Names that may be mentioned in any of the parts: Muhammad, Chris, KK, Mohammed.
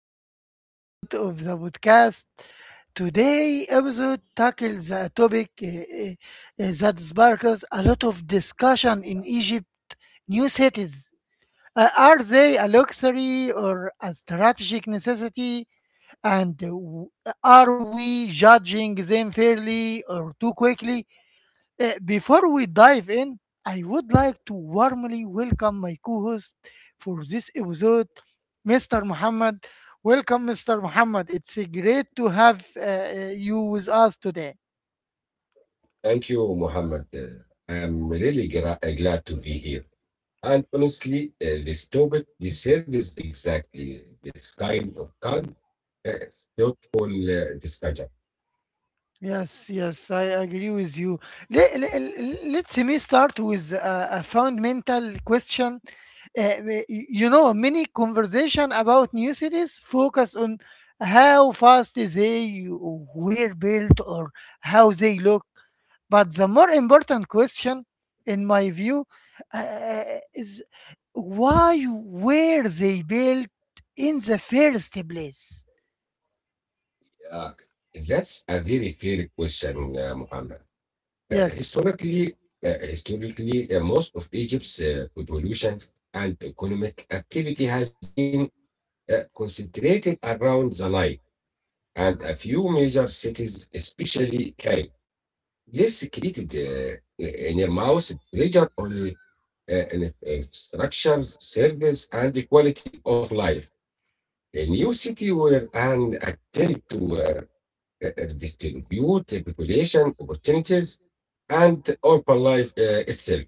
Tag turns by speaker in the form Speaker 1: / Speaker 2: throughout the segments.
Speaker 1: new episode of the podcast. Today episode tackles a topic that sparks a lot of discussion in Egypt: new cities. Are they a luxury or a strategic necessity? And are we judging them fairly or too quickly? Before we dive in, I would like to warmly welcome my co host for this episode, Mr. Muhammad. Welcome, Mr. Muhammad. It's great to have you with us today.
Speaker 2: Thank you, Mohammed. I am really glad to be here. And honestly, this topic deserves exactly this kind of calm, uh, thoughtful discussion.
Speaker 1: Yes, yes, I agree with you. Let let, me start with a fundamental question. You know, many conversation about new cities focus on how fast they were built or how they look. But the more important question, in my view, uh, is why were they built in the first place?
Speaker 2: Yeah. That's a very fair question, Mohammed. Uh,
Speaker 1: Yes.
Speaker 2: historically, historically, most of Egypt's population and economic activity has been concentrated around the Nile and a few major cities, especially Cairo. Yes, created in your mouse pleasure on in structures, service, and the quality of life. A new city where an attempt to distribute the population opportunities and urban life itself.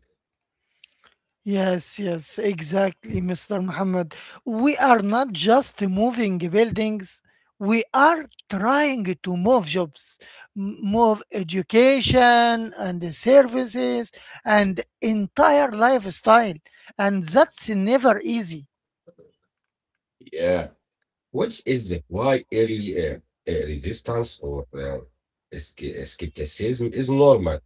Speaker 1: Yes, yes, exactly, Mr. Muhammad. We are not just moving buildings, we are trying to move jobs, move education and the services and entire lifestyle. And that's never easy.
Speaker 2: Yeah, which is why early resistance or skepticism is normal.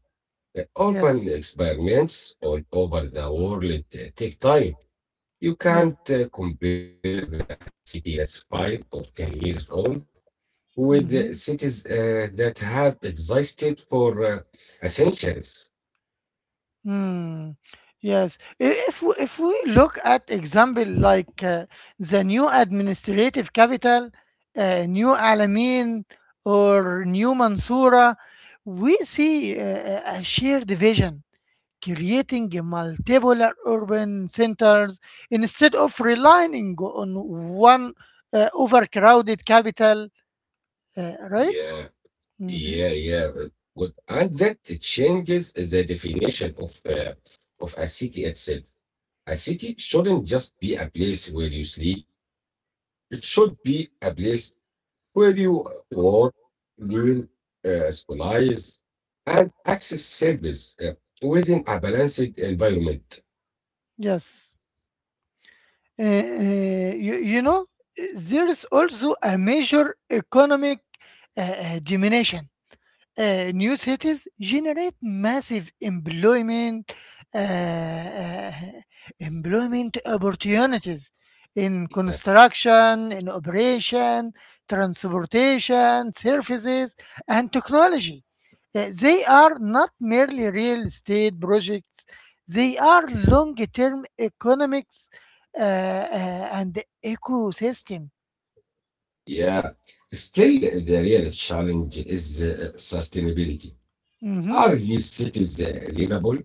Speaker 2: Urban
Speaker 1: Yes,
Speaker 2: experiments all over the world take time. You
Speaker 1: yeah.
Speaker 2: can't compare a city that's 5 or 10 years old with
Speaker 1: Mm-hmm.
Speaker 2: cities that have existed for centuries.
Speaker 1: Hmm. Yes. If we look at example like the new administrative capital, New Alamein or New Mansoura, we see a shared vision creating multiple urban centers instead of relying on one overcrowded capital, right?
Speaker 2: Yeah,
Speaker 1: hmm
Speaker 2: yeah, yeah. uh, Good. And that changes the definition of a city itself. A city shouldn't just be a place where you sleep. It should be a place where you work, live, scholarize, and access service within a balanced environment.
Speaker 1: Yes. You know, there is also a major economic diminution. New cities generate massive employment uh, uh, employment opportunities in
Speaker 2: Yeah,
Speaker 1: construction, in operation, transportation, services, and technology. They are not merely real estate projects; they are long-term economics and ecosystem.
Speaker 2: yeah. Still, the real challenge is sustainability.
Speaker 1: Mhm.
Speaker 2: Are these cities livable?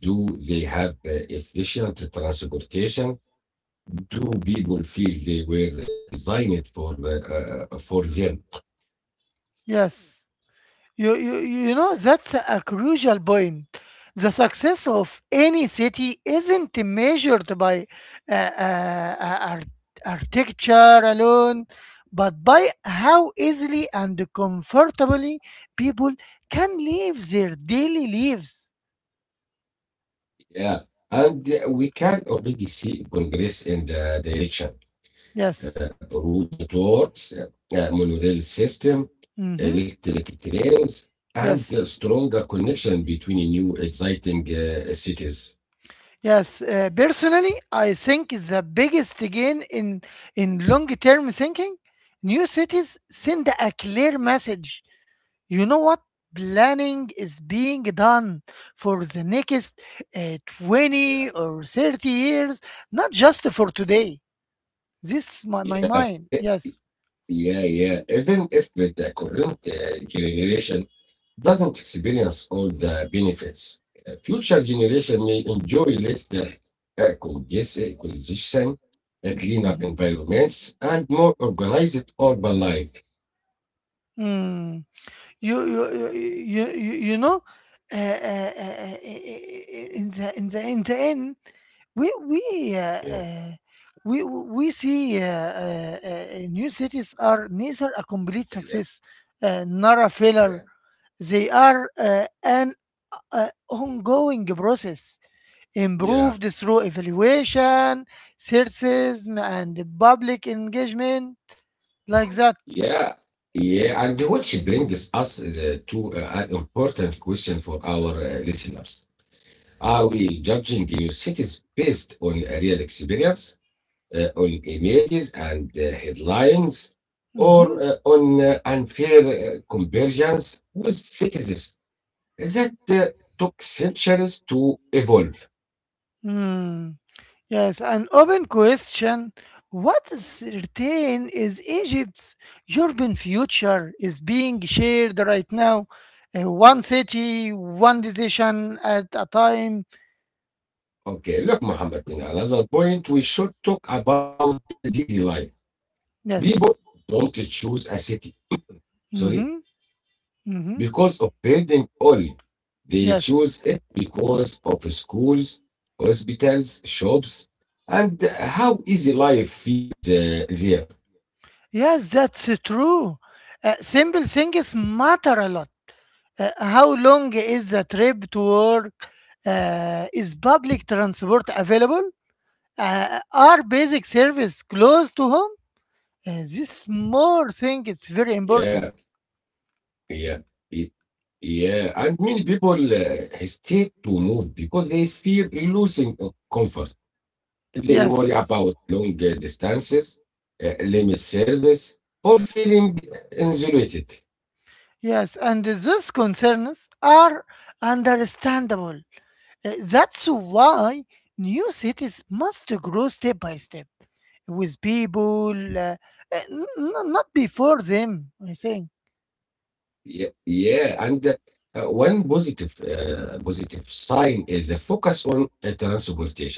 Speaker 2: Do they have efficient transportation? Do people feel they were designed for them?
Speaker 1: Yes. You know, that's a crucial point. The success of any city isn't measured by uh, uh, uh, ar- architecture alone, but by how easily and comfortably people can live their daily lives.
Speaker 2: Yeah, and we can already see progress in the direction.
Speaker 1: Yes.
Speaker 2: Road networks, monorail system,
Speaker 1: Mm-hmm.
Speaker 2: electric trains, and a
Speaker 1: Yes.
Speaker 2: stronger connection between new exciting cities.
Speaker 1: Yes. Personally, I think the biggest gain in long term thinking, new cities send a clear message. You know what? Planning is being done for the next 20
Speaker 2: Yeah.
Speaker 1: or 30 years, not just for today. This is my
Speaker 2: Yeah.
Speaker 1: mind. Yes.
Speaker 2: Yeah. Even if the current generation doesn't experience all the benefits, future generation may enjoy later congestion, cleanup
Speaker 1: Mhm.
Speaker 2: environments, and more organized urban life.
Speaker 1: Mm. You know, uh, uh, uh, uh, in the, in the end, we we uh,
Speaker 2: Yeah,
Speaker 1: uh, we see new cities are neither a complete
Speaker 2: yeah,
Speaker 1: success nor a
Speaker 2: yeah,
Speaker 1: failure. They are an a ongoing process
Speaker 2: yeah,
Speaker 1: improved through evaluation, searches, and public engagement, like that.
Speaker 2: yeah. Yeah, and which brings us to an important question for our listeners. Are we judging new cities based on a real experience? On images and headlines or
Speaker 1: Mhm.
Speaker 2: on unfair convergence with citizens that took centuries to evolve.
Speaker 1: Hmm. Yes, an open question. What is certain is Egypt's urban future is being shared right now. One city, one decision at a time.
Speaker 2: Okay, look, Muhammad, in another point we should talk about is daily life.
Speaker 1: Yes.
Speaker 2: People don't choose a city, sorry,
Speaker 1: Mm-hmm. Mm-hmm.
Speaker 2: because of building only. They
Speaker 1: Yes.
Speaker 2: choose it because of schools, hospitals, shops, and how easy life feels there.
Speaker 1: Yes, that's true. Simple things matter a lot. How long is the trip to work? Is public transport available? Are basic service close to home? This
Speaker 2: Yeah.
Speaker 1: more thing it's very
Speaker 2: Yeah.
Speaker 1: important.
Speaker 2: Y- Yeah. And many people hesitate to move because they fear losing of comfort. They worry about long
Speaker 1: Yes,
Speaker 2: distances, limit service, or feeling isolated.
Speaker 1: yes, and these concerns are understandable. That's why new cities must grow step by step with people, uh, not before them, I think.
Speaker 2: Yeah. And one positive, positive sign is the focus on transportation.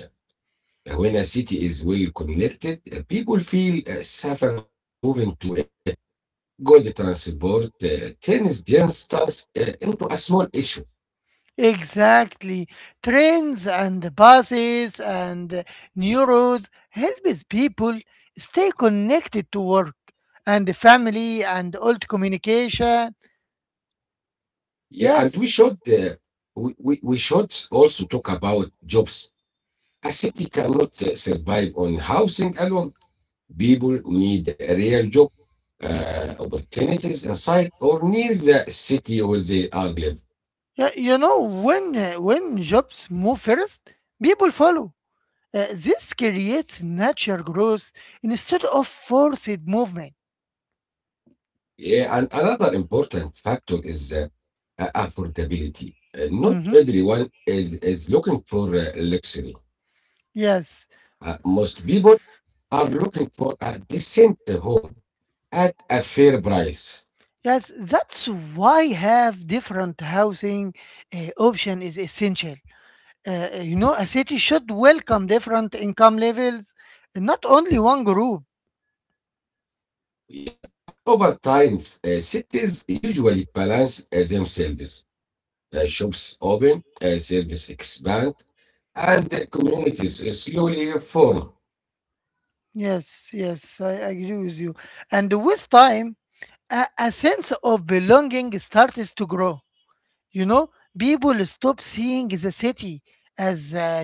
Speaker 2: When a city is well connected, people feel safer moving to it. Good transport turns distance into a small issue.
Speaker 1: Exactly. Trains and buses and new roads helps people stay connected to work and family and old communication.
Speaker 2: Yeah, and we
Speaker 1: Yes.
Speaker 2: should we should also talk about jobs. A city cannot survive on housing alone. People need a real job opportunities inside or near the city where they are live.
Speaker 1: You know, when jobs move first, people follow. This creates natural growth instead of forced movement.
Speaker 2: Yeah, and another important factor is affordability. Not
Speaker 1: Mhm.
Speaker 2: everyone is looking for luxury.
Speaker 1: Yes,
Speaker 2: Most people are looking for a decent home at a fair price.
Speaker 1: yes, that's why have different housing option is essential. You know, a city should welcome different income levels, not only one group.
Speaker 2: Yeah. And over time, cities usually balance themselves. Shops open, service expand, and the communities slowly form.
Speaker 1: Yes, yes, I agree with you. And with time, a sense of belonging starts to grow. You know, people stop seeing the city as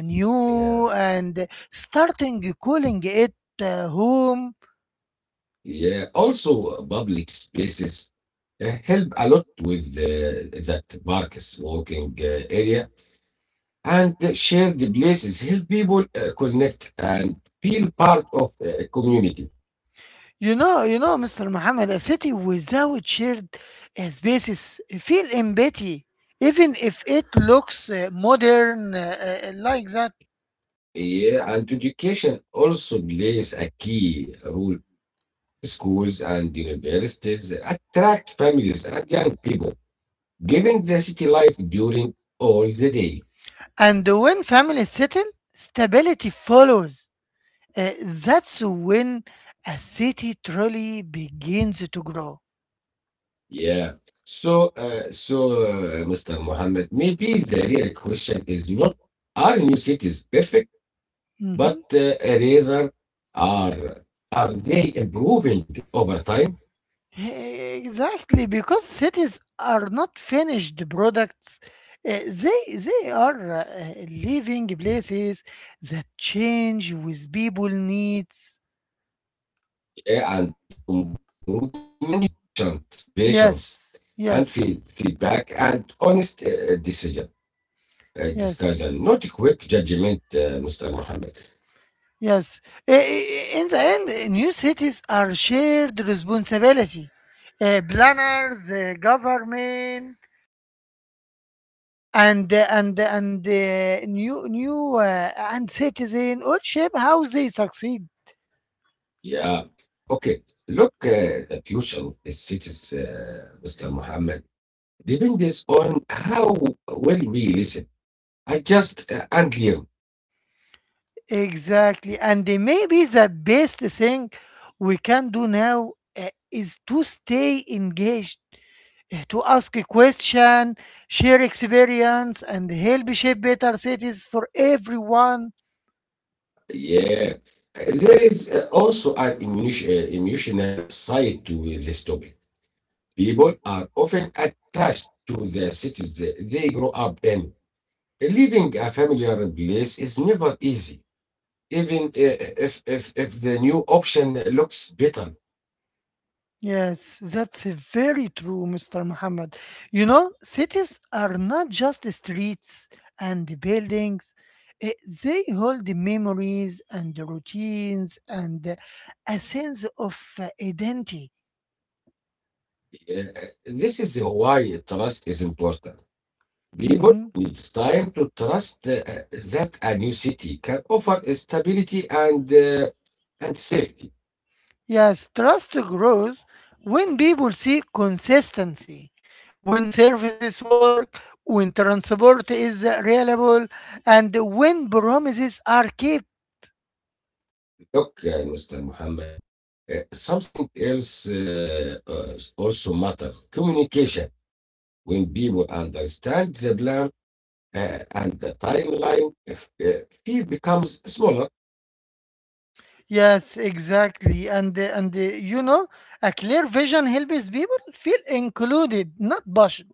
Speaker 2: Yeah.
Speaker 1: new and starting calling it home.
Speaker 2: Yeah. Also, public spaces help a lot with the, that parks, walking area, and the shared places help people connect and feel part of a community.
Speaker 1: You know, Mr. Muhammad, a city without shared spaces feel empty, even if it looks modern like that.
Speaker 2: Yeah, and education also plays a key role. Schools and universities attract families and young people, giving the city life during all the day.
Speaker 1: And when families settle, stability follows. That's when a city truly begins to grow.
Speaker 2: Yeah. So, Mr. Mohammed, maybe the real question is not, are new cities perfect, but
Speaker 1: Mhm.
Speaker 2: rather, are are they improving over time?
Speaker 1: Exactly, because cities are not finished products. They are living places that change with people needs.
Speaker 2: Yeah, and improvement needs patience, patience,
Speaker 1: Yes,
Speaker 2: and
Speaker 1: yes,
Speaker 2: feedback, and honest
Speaker 1: yes,
Speaker 2: discussion, not quick judgment, Mr. Mohammed.
Speaker 1: yes. In the end, new cities are shared responsibility. Planners, government, and new new and citizen all shape how they succeed.
Speaker 2: Yeah, okay. Look, the future of the cities, Mr. Mohammed, depends on how well we listen, adjust, and learn.
Speaker 1: Exactly. And maybe the best thing we can do now is to stay engaged, to ask a question, share experience, and help shape better cities for everyone.
Speaker 2: Yeah, there is also an emotional side to this topic. People are often attached to their cities they grow up in. Leaving a familiar place is never easy, even if the new option looks better.
Speaker 1: Yes, that's very true, Mr. Muhammad. You know, cities are not just streets and buildings. Uh, They hold memories and routines and a sense of identity.
Speaker 2: Uh, This is why trust is important. People
Speaker 1: Mm-hmm.
Speaker 2: need time to trust that a new city can offer stability and safety.
Speaker 1: Yes, trust grows when people see consistency, when services work, when transport is reliable, and when promises are kept.
Speaker 2: Look, Mr. Muhammad, something else also matters. Communication. When people understand the plan and the timeline, if, field becomes smaller.
Speaker 1: Yes, exactly. And you know, a clear vision helps people feel included, not pushed.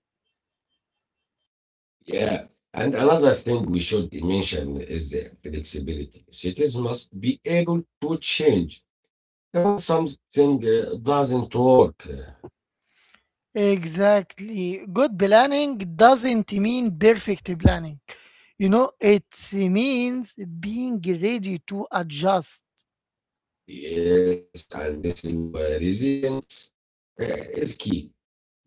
Speaker 2: Yeah. And another thing we should mention is the flexibility. Cities must be able to change when something doesn't work.
Speaker 1: Exactly. Good planning doesn't mean perfect planning. You know, it means being ready to adjust.
Speaker 2: Yes, and listening to residents uh, is key.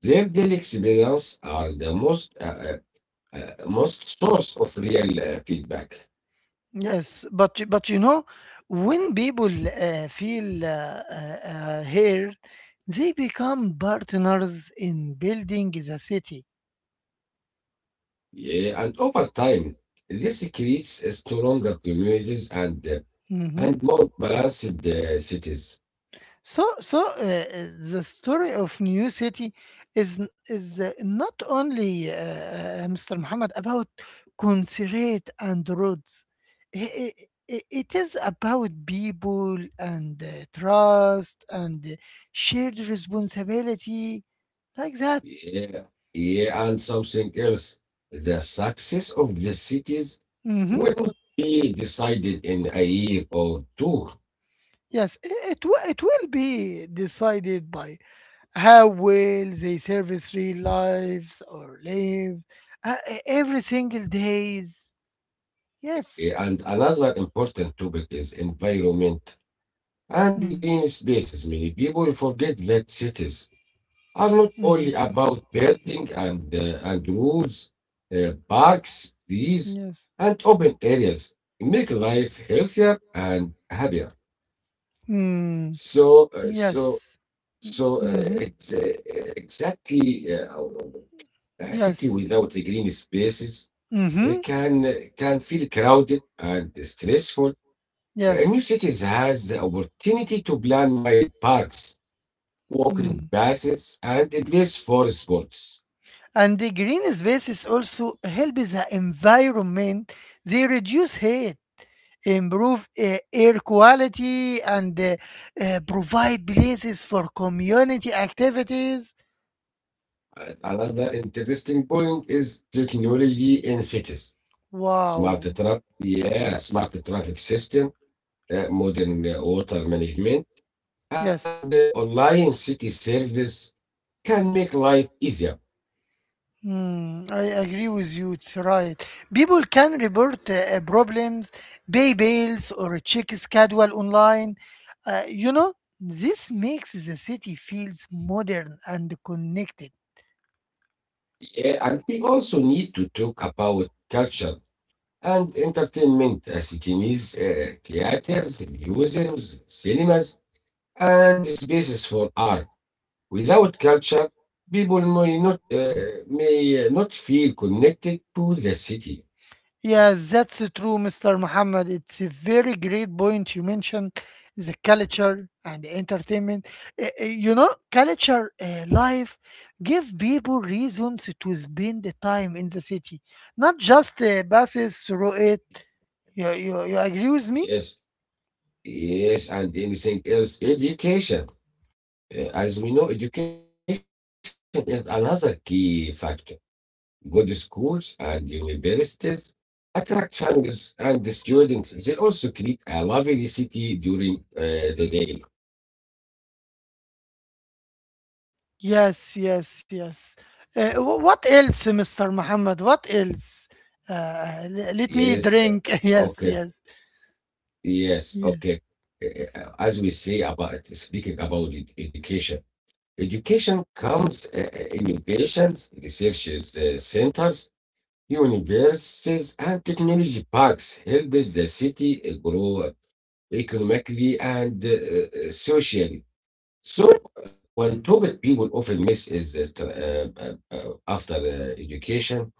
Speaker 2: Their daily experience are the most most source of real feedback.
Speaker 1: Yes, but you know, when people feel heard, they become partners in building the city.
Speaker 2: Yeah, and over time, this creates a stronger communities and
Speaker 1: Mhm.
Speaker 2: and more balanced cities.
Speaker 1: So the story of New City is not only Mr. Muhammad about concrete and roads. I- i- It is about people and trust and shared responsibility like that.
Speaker 2: Yeah, yeah, and something else. The success of the cities
Speaker 1: Mm-hmm.
Speaker 2: will not be decided in a year or two.
Speaker 1: Yes, it will be decided by how well they service real lives or live every single days.
Speaker 2: Yeah,
Speaker 1: Yes.
Speaker 2: and another important topic is environment and the
Speaker 1: Mm-hmm.
Speaker 2: green spaces. Many people forget that cities are not
Speaker 1: Mm-hmm.
Speaker 2: only about birding and woods, parks, trees,
Speaker 1: Yes.
Speaker 2: and open areas make life healthier and happier.
Speaker 1: Mm.
Speaker 2: So, uh, so,
Speaker 1: Yes.
Speaker 2: so uh,
Speaker 1: Mm-hmm.
Speaker 2: ex- uh, exactly, a city
Speaker 1: Yes.
Speaker 2: without the green spaces
Speaker 1: Mm-hmm.
Speaker 2: can feel crowded and stressful. New
Speaker 1: Yes.
Speaker 2: cities has the opportunity to plan wide parks, walking
Speaker 1: hmm
Speaker 2: paths, and a place for sports.
Speaker 1: And the green spaces also help the environment. They reduce heat, improve air quality and provide places for community activities.
Speaker 2: Another interesting point is technology in cities. Smart
Speaker 1: Wow.
Speaker 2: traffic, yeah, smart traffic system, modern water management, and
Speaker 1: Yes.
Speaker 2: online city service can make life easier.
Speaker 1: I agree with you. It's right. People can report problems, pay bills, or check schedule online. You know, this makes the city feels modern and connected.
Speaker 2: Yeah, and we also need to talk about culture and entertainment. City needs theaters, museums, cinemas, and spaces for art. Without culture, people may not feel connected to the city.
Speaker 1: Yes, that's true, Mr. Muhammad. It's a very great point you mentioned the culture and entertainment. You know, culture life give people reasons to spend the time in the city, not just passes through it. You agree with me?
Speaker 2: Yes, yes, and anything else. Education. As we know, education is another key factor. Good schools and universities attract families and the students. They also create a lovely city during the day.
Speaker 1: Yes, yes, yes. What else, Mr. Muhammad? What else? Let
Speaker 2: Yes,
Speaker 1: me
Speaker 2: uh,
Speaker 1: drink.
Speaker 2: okay,
Speaker 1: Yes, yes.
Speaker 2: yes,
Speaker 1: Yeah,
Speaker 2: okay. As we say about speaking about education. Education comes innovations, research centers, universities, and technology parks help the city grow economically and socially. So, one topic people often miss is tra- after education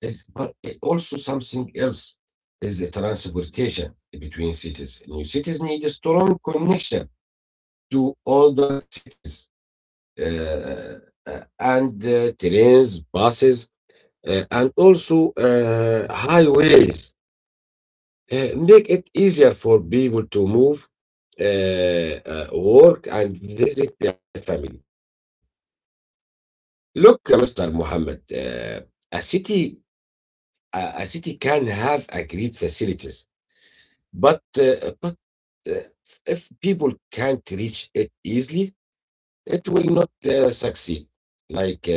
Speaker 2: is, but it also something else is the transportation between cities. New cities need a strong connection to older cities uh, and trains, buses, and also highways make it easier for people to move, work, and visit their family. Look, Mr. Mohammed, a city a city can have a great facilities, but uh, if people can't reach it easily, it will not succeed. Like uh,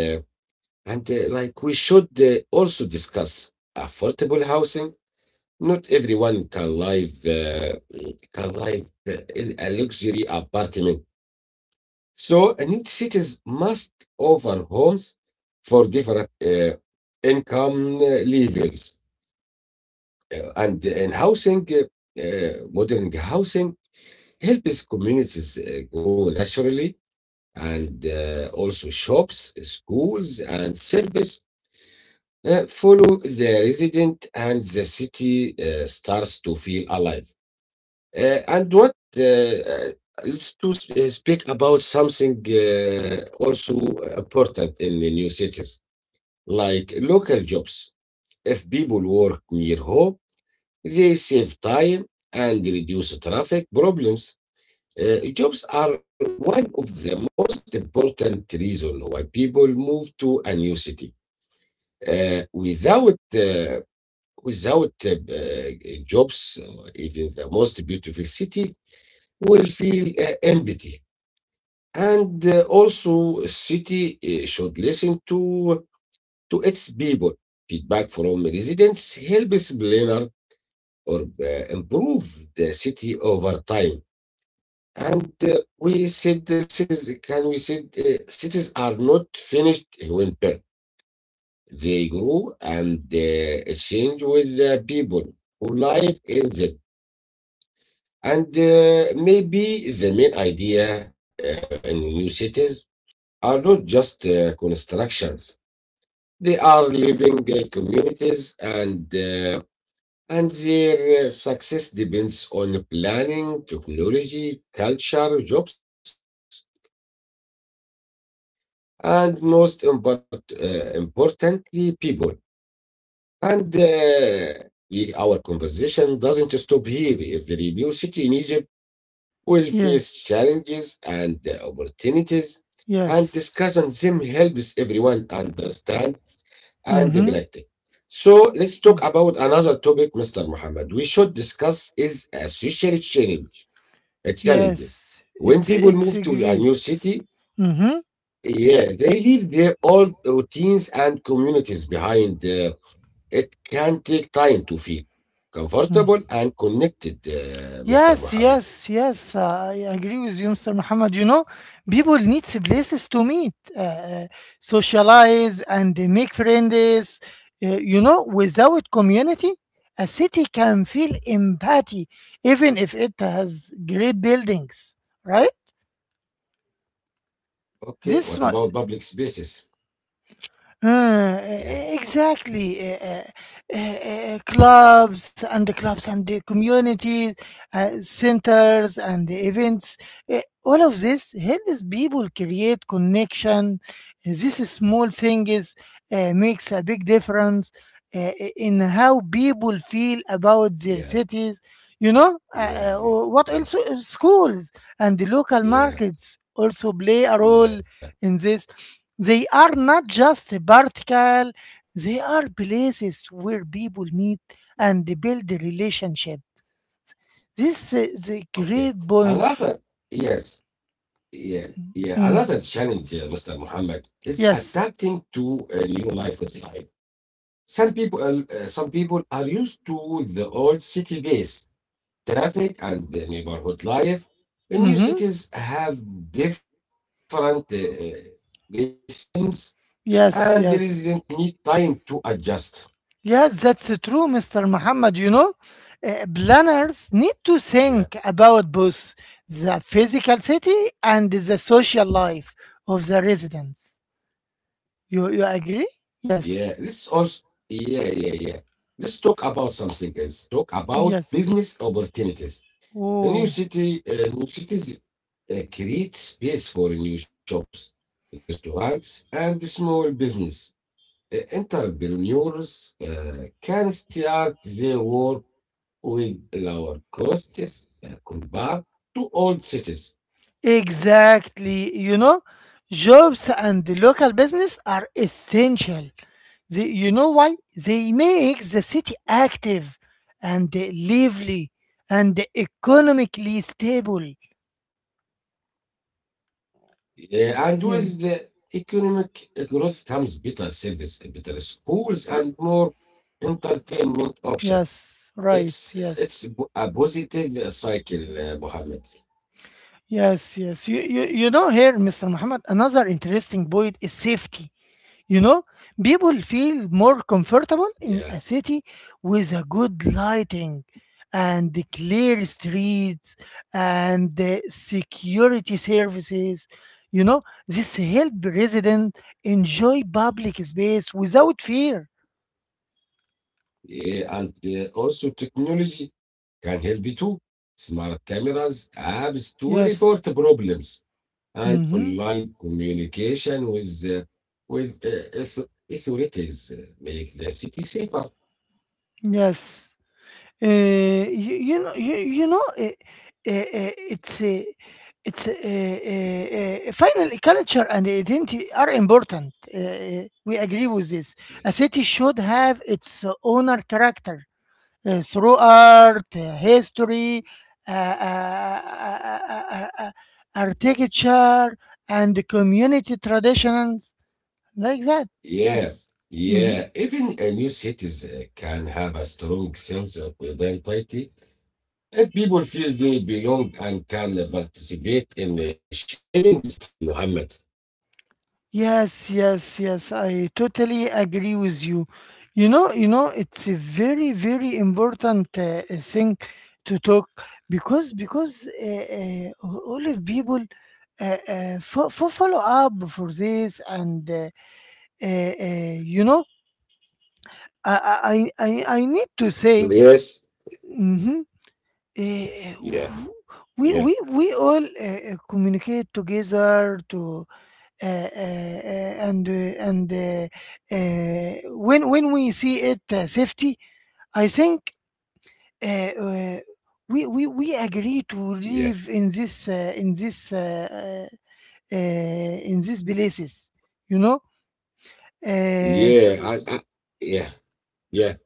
Speaker 2: like, we should also discuss affordable housing. Not everyone can live uh, can live uh, in a luxury apartment. So and each cities must offer homes for different income levels. And modern housing helps communities grow naturally, and also shops, schools, and service follow the resident and the city starts to feel alive. And what let's to s- speak about something also important in the new cities, like local jobs. If people work near home, they save time and reduce traffic problems. Jobs are one of the most important reasons why people move to a new city. Uh, without uh, without jobs, or even the most beautiful city will feel empty. And also, a city should listen to its people. Feedback from residents helps planner or improve the city over time. And we said cities can we said cities are not finished when built. They grow and change with the people who live in them. And maybe the main idea in new cities are not just constructions. They are living communities, and and their success depends on planning, technology, culture, jobs, and most importantly, people. And our conversation doesn't stop here. Every new city in Egypt will face
Speaker 1: yeah,
Speaker 2: challenges and opportunities, and
Speaker 1: yes.
Speaker 2: discussing them helps everyone understand and
Speaker 1: Mm-hmm.
Speaker 2: practice. So let's talk
Speaker 1: Yes.
Speaker 2: about another topic, Mr. Muhammad. We should discuss is a social
Speaker 1: Yes,
Speaker 2: challenges.
Speaker 1: it's
Speaker 2: When
Speaker 1: it's a
Speaker 2: people move
Speaker 1: great.
Speaker 2: to a new city,
Speaker 1: Mm-hmm. Mm-hmm.
Speaker 2: yeah, they leave their old routines and communities behind. It can take time to feel comfortable and connected,
Speaker 1: Yes, yes, yes.
Speaker 2: Mr.
Speaker 1: I
Speaker 2: Muhammad.
Speaker 1: agree with you, Mr. Muhammad. You know, people need places to meet, socialize, and they make friends. You know, without community, a city can feel empty, even if it has great buildings. Right? This mu-
Speaker 2: Okay, what about public spaces?
Speaker 1: Uh, e-
Speaker 2: Yeah,
Speaker 1: exactly. Clubs and the communities, centers and the events. All of this helps people create connection. This These small things makes a big difference in how people feel about their cities. You
Speaker 2: yeah,
Speaker 1: know, what also
Speaker 2: yeah, yeah,
Speaker 1: schools
Speaker 2: yeah,
Speaker 1: and the local markets also
Speaker 2: yeah,
Speaker 1: play a role in this.
Speaker 2: yeah.
Speaker 1: They are not just vertical, they are places where people meet and build a relationship. This is a
Speaker 2: Okay.
Speaker 1: great point.
Speaker 2: Another, yes, yeah, yeah.
Speaker 1: Mm,
Speaker 2: Another challenge, Mr. Muhammad, is
Speaker 1: Yes.
Speaker 2: adapting to a new lifestyle. Some people are used to the old city base traffic and the neighborhood life.
Speaker 1: hmm
Speaker 2: The new cities have different rhythms, and there
Speaker 1: Yes,
Speaker 2: is
Speaker 1: yes.
Speaker 2: need time to adjust.
Speaker 1: Yes, that's true, Mr. Muhammad. You know, planners need to
Speaker 2: Yeah.
Speaker 1: think about both the physical city and the social life of the residents. You agree? Yes,
Speaker 2: Yeah, let's also, yeah, yeah, yeah. Let's talk about something else. Talk about
Speaker 1: yes.
Speaker 2: business opportunities. The new
Speaker 1: Oh.
Speaker 2: city, uh, new cities create space for new shops, restaurants, and small business. Entrepreneurs can start their work with lower costs compared to old cities.
Speaker 1: Exactly. You know, jobs and the local business are essential. They, you know why? They make the city active and lively and economically stable.
Speaker 2: Yeah, and
Speaker 1: Yeah.
Speaker 2: with the economic growth comes better service, better schools,
Speaker 1: R-
Speaker 2: and more entertainment options.
Speaker 1: yes. Right.
Speaker 2: It's
Speaker 1: Yes.
Speaker 2: it's bo- a positive cycle, Mohammed.
Speaker 1: Yes. Yes. You know, here, Mr. Muhammad, another interesting point is safety. You know, people feel more comfortable
Speaker 2: Yeah,
Speaker 1: in a city with a good lighting and the clear streets and the security services. You know, this help resident enjoy public space without fear.
Speaker 2: yeah, and also technology can help you too. Smart cameras, apps to
Speaker 1: Yes.
Speaker 2: report problems, and
Speaker 1: Mm-hmm.
Speaker 2: online communication with authorities make the city safer.
Speaker 1: Yes. You know, it's uh, it's a, finally culture and identity are important. We agree
Speaker 2: Yeah,
Speaker 1: with this.
Speaker 2: yeah,
Speaker 1: A city should
Speaker 2: yeah.
Speaker 1: have its own character through art, history, uh, uh, uh, uh, uh, architecture and community traditions like that.
Speaker 2: Yeah,
Speaker 1: Yes.
Speaker 2: yeah.
Speaker 1: Mhm.
Speaker 2: Even a new cities can have a strong sense of identity if people feel they belong and can participate in shaping the city, Muhammad.
Speaker 1: Yes, yes, yes. I totally agree with you. You know, it's a very, very important thing to talk because all of people follow up for this, and you know, I need to say,
Speaker 2: Yes.
Speaker 1: mm-hmm, Uh,
Speaker 2: Yeah.
Speaker 1: we we
Speaker 2: Yeah.
Speaker 1: we all communicate together to. And when we see it safety, I think uh, uh, we agree to
Speaker 2: Yeah.
Speaker 1: live in this in this in these places. You know. Uh, s-
Speaker 2: Yeah.
Speaker 1: s-
Speaker 2: I, yeah. Yeah.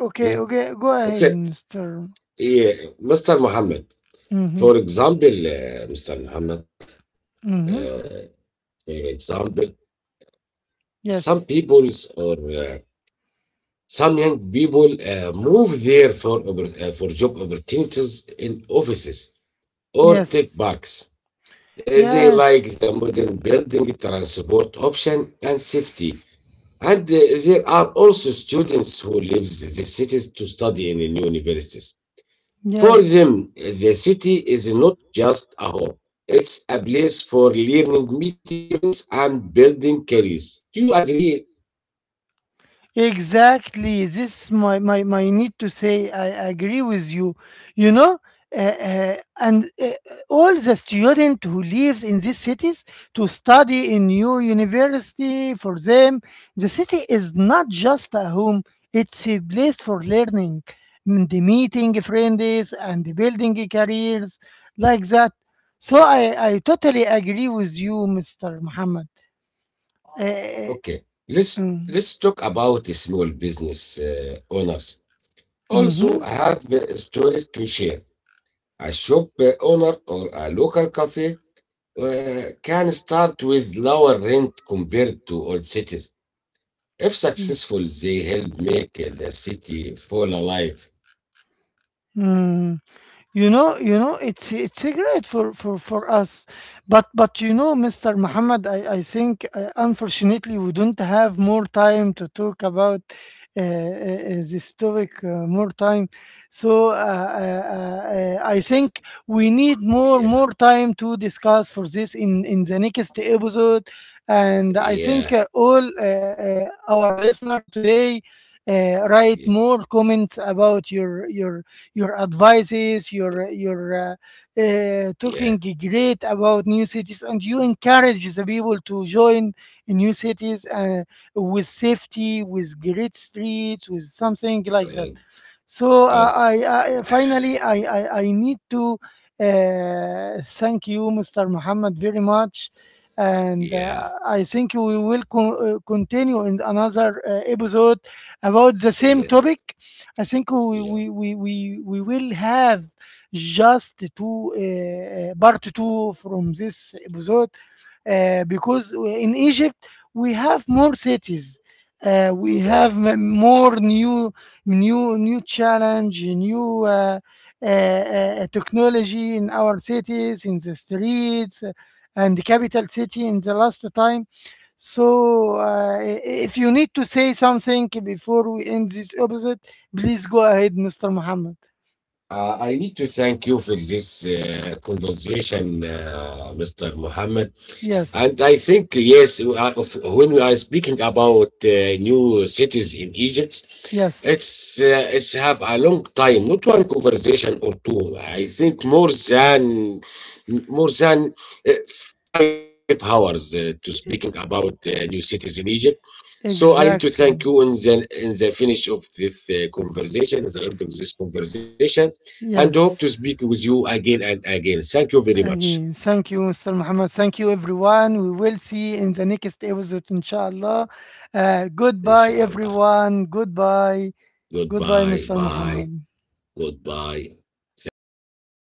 Speaker 1: okay.
Speaker 2: Yeah.
Speaker 1: Okay. Go ahead,
Speaker 2: Okay.
Speaker 1: Mister.
Speaker 2: Yeah. Mr. Muhammad.
Speaker 1: Mm-hmm.
Speaker 2: For example, uh, Mr. Muhammad,
Speaker 1: Mm-hmm.
Speaker 2: uh, for example, some
Speaker 1: Yes.
Speaker 2: peoples or some young people move there for for job opportunities in offices or tech
Speaker 1: Yes.
Speaker 2: parks. They like the
Speaker 1: Yes.
Speaker 2: modern building, transport option, and safety. And there are also students who leave the cities to study in new universities. For
Speaker 1: Yes.
Speaker 2: them, the city is not just a home, it's a place for learning, meeting friends, and building careers. Do you agree?
Speaker 1: Exactly. This my need to say. I agree with you. You know, and all the student who lives in these cities to study in new university for them, the city is not just a home. It's a place for learning, the meeting friends and building careers like that. So I totally agree with you, Mister Muhammad. Uh,
Speaker 2: Okay, let's let's talk about the small business owners. Also,
Speaker 1: mm-hmm.
Speaker 2: I have stories to share. A shop owner or a local cafe can start with lower rent compared to old cities. If successful, they help make the city fall alive.
Speaker 1: Mm. You know, it's a great for us, but you know, Mr. Muhammad, I think unfortunately we don't have more time to talk about this topic more time. So I think we need
Speaker 2: Yeah,
Speaker 1: more time to discuss for this in the next episode, and I
Speaker 2: yeah,
Speaker 1: think all our listener today write
Speaker 2: yeah,
Speaker 1: more comments about your advices, your
Speaker 2: yeah.
Speaker 1: talking great about new cities, and you encourage the people to join in new cities with safety, with great streets, with something like
Speaker 2: Uh,
Speaker 1: that. So
Speaker 2: okay,
Speaker 1: I finally I need to thank you, Mr. Muhammad, very much, and
Speaker 2: yeah,
Speaker 1: I think we will continue in another episode about the same
Speaker 2: yeah,
Speaker 1: topic. I think
Speaker 2: yeah,
Speaker 1: we will have just two part two from this episode because in Egypt we have more cities. We
Speaker 2: yeah.
Speaker 1: have more new challenge, new technology in our cities, in the streets, and the capital city in the last time. So, if you need to say something before we end this episode, please go ahead, Mr. Muhammad.
Speaker 2: I need to thank you for this conversation, Mr. Mohammed. And
Speaker 1: Yes,
Speaker 2: I think, yes, when we are speaking about new cities in Egypt,
Speaker 1: yes,
Speaker 2: it's have a long time, not one conversation or two. I think more than more than uh, 5 hours to speaking about new cities in Egypt. So I need to
Speaker 1: exactly.
Speaker 2: thank you in the finish of this conversation, in the end of this conversation, and hope to
Speaker 1: Yes.
Speaker 2: speak with you again and again. Thank you very much.
Speaker 1: Again, thank you, Mr. Muhammad. Thank you, everyone. We will see in the next episode, inshallah. Goodbye,
Speaker 2: Inshallah.
Speaker 1: everyone. Goodbye. Goodbye, Mr.
Speaker 2: Goodbye.
Speaker 1: Muhammad.
Speaker 2: Bye. Goodbye. Thank you.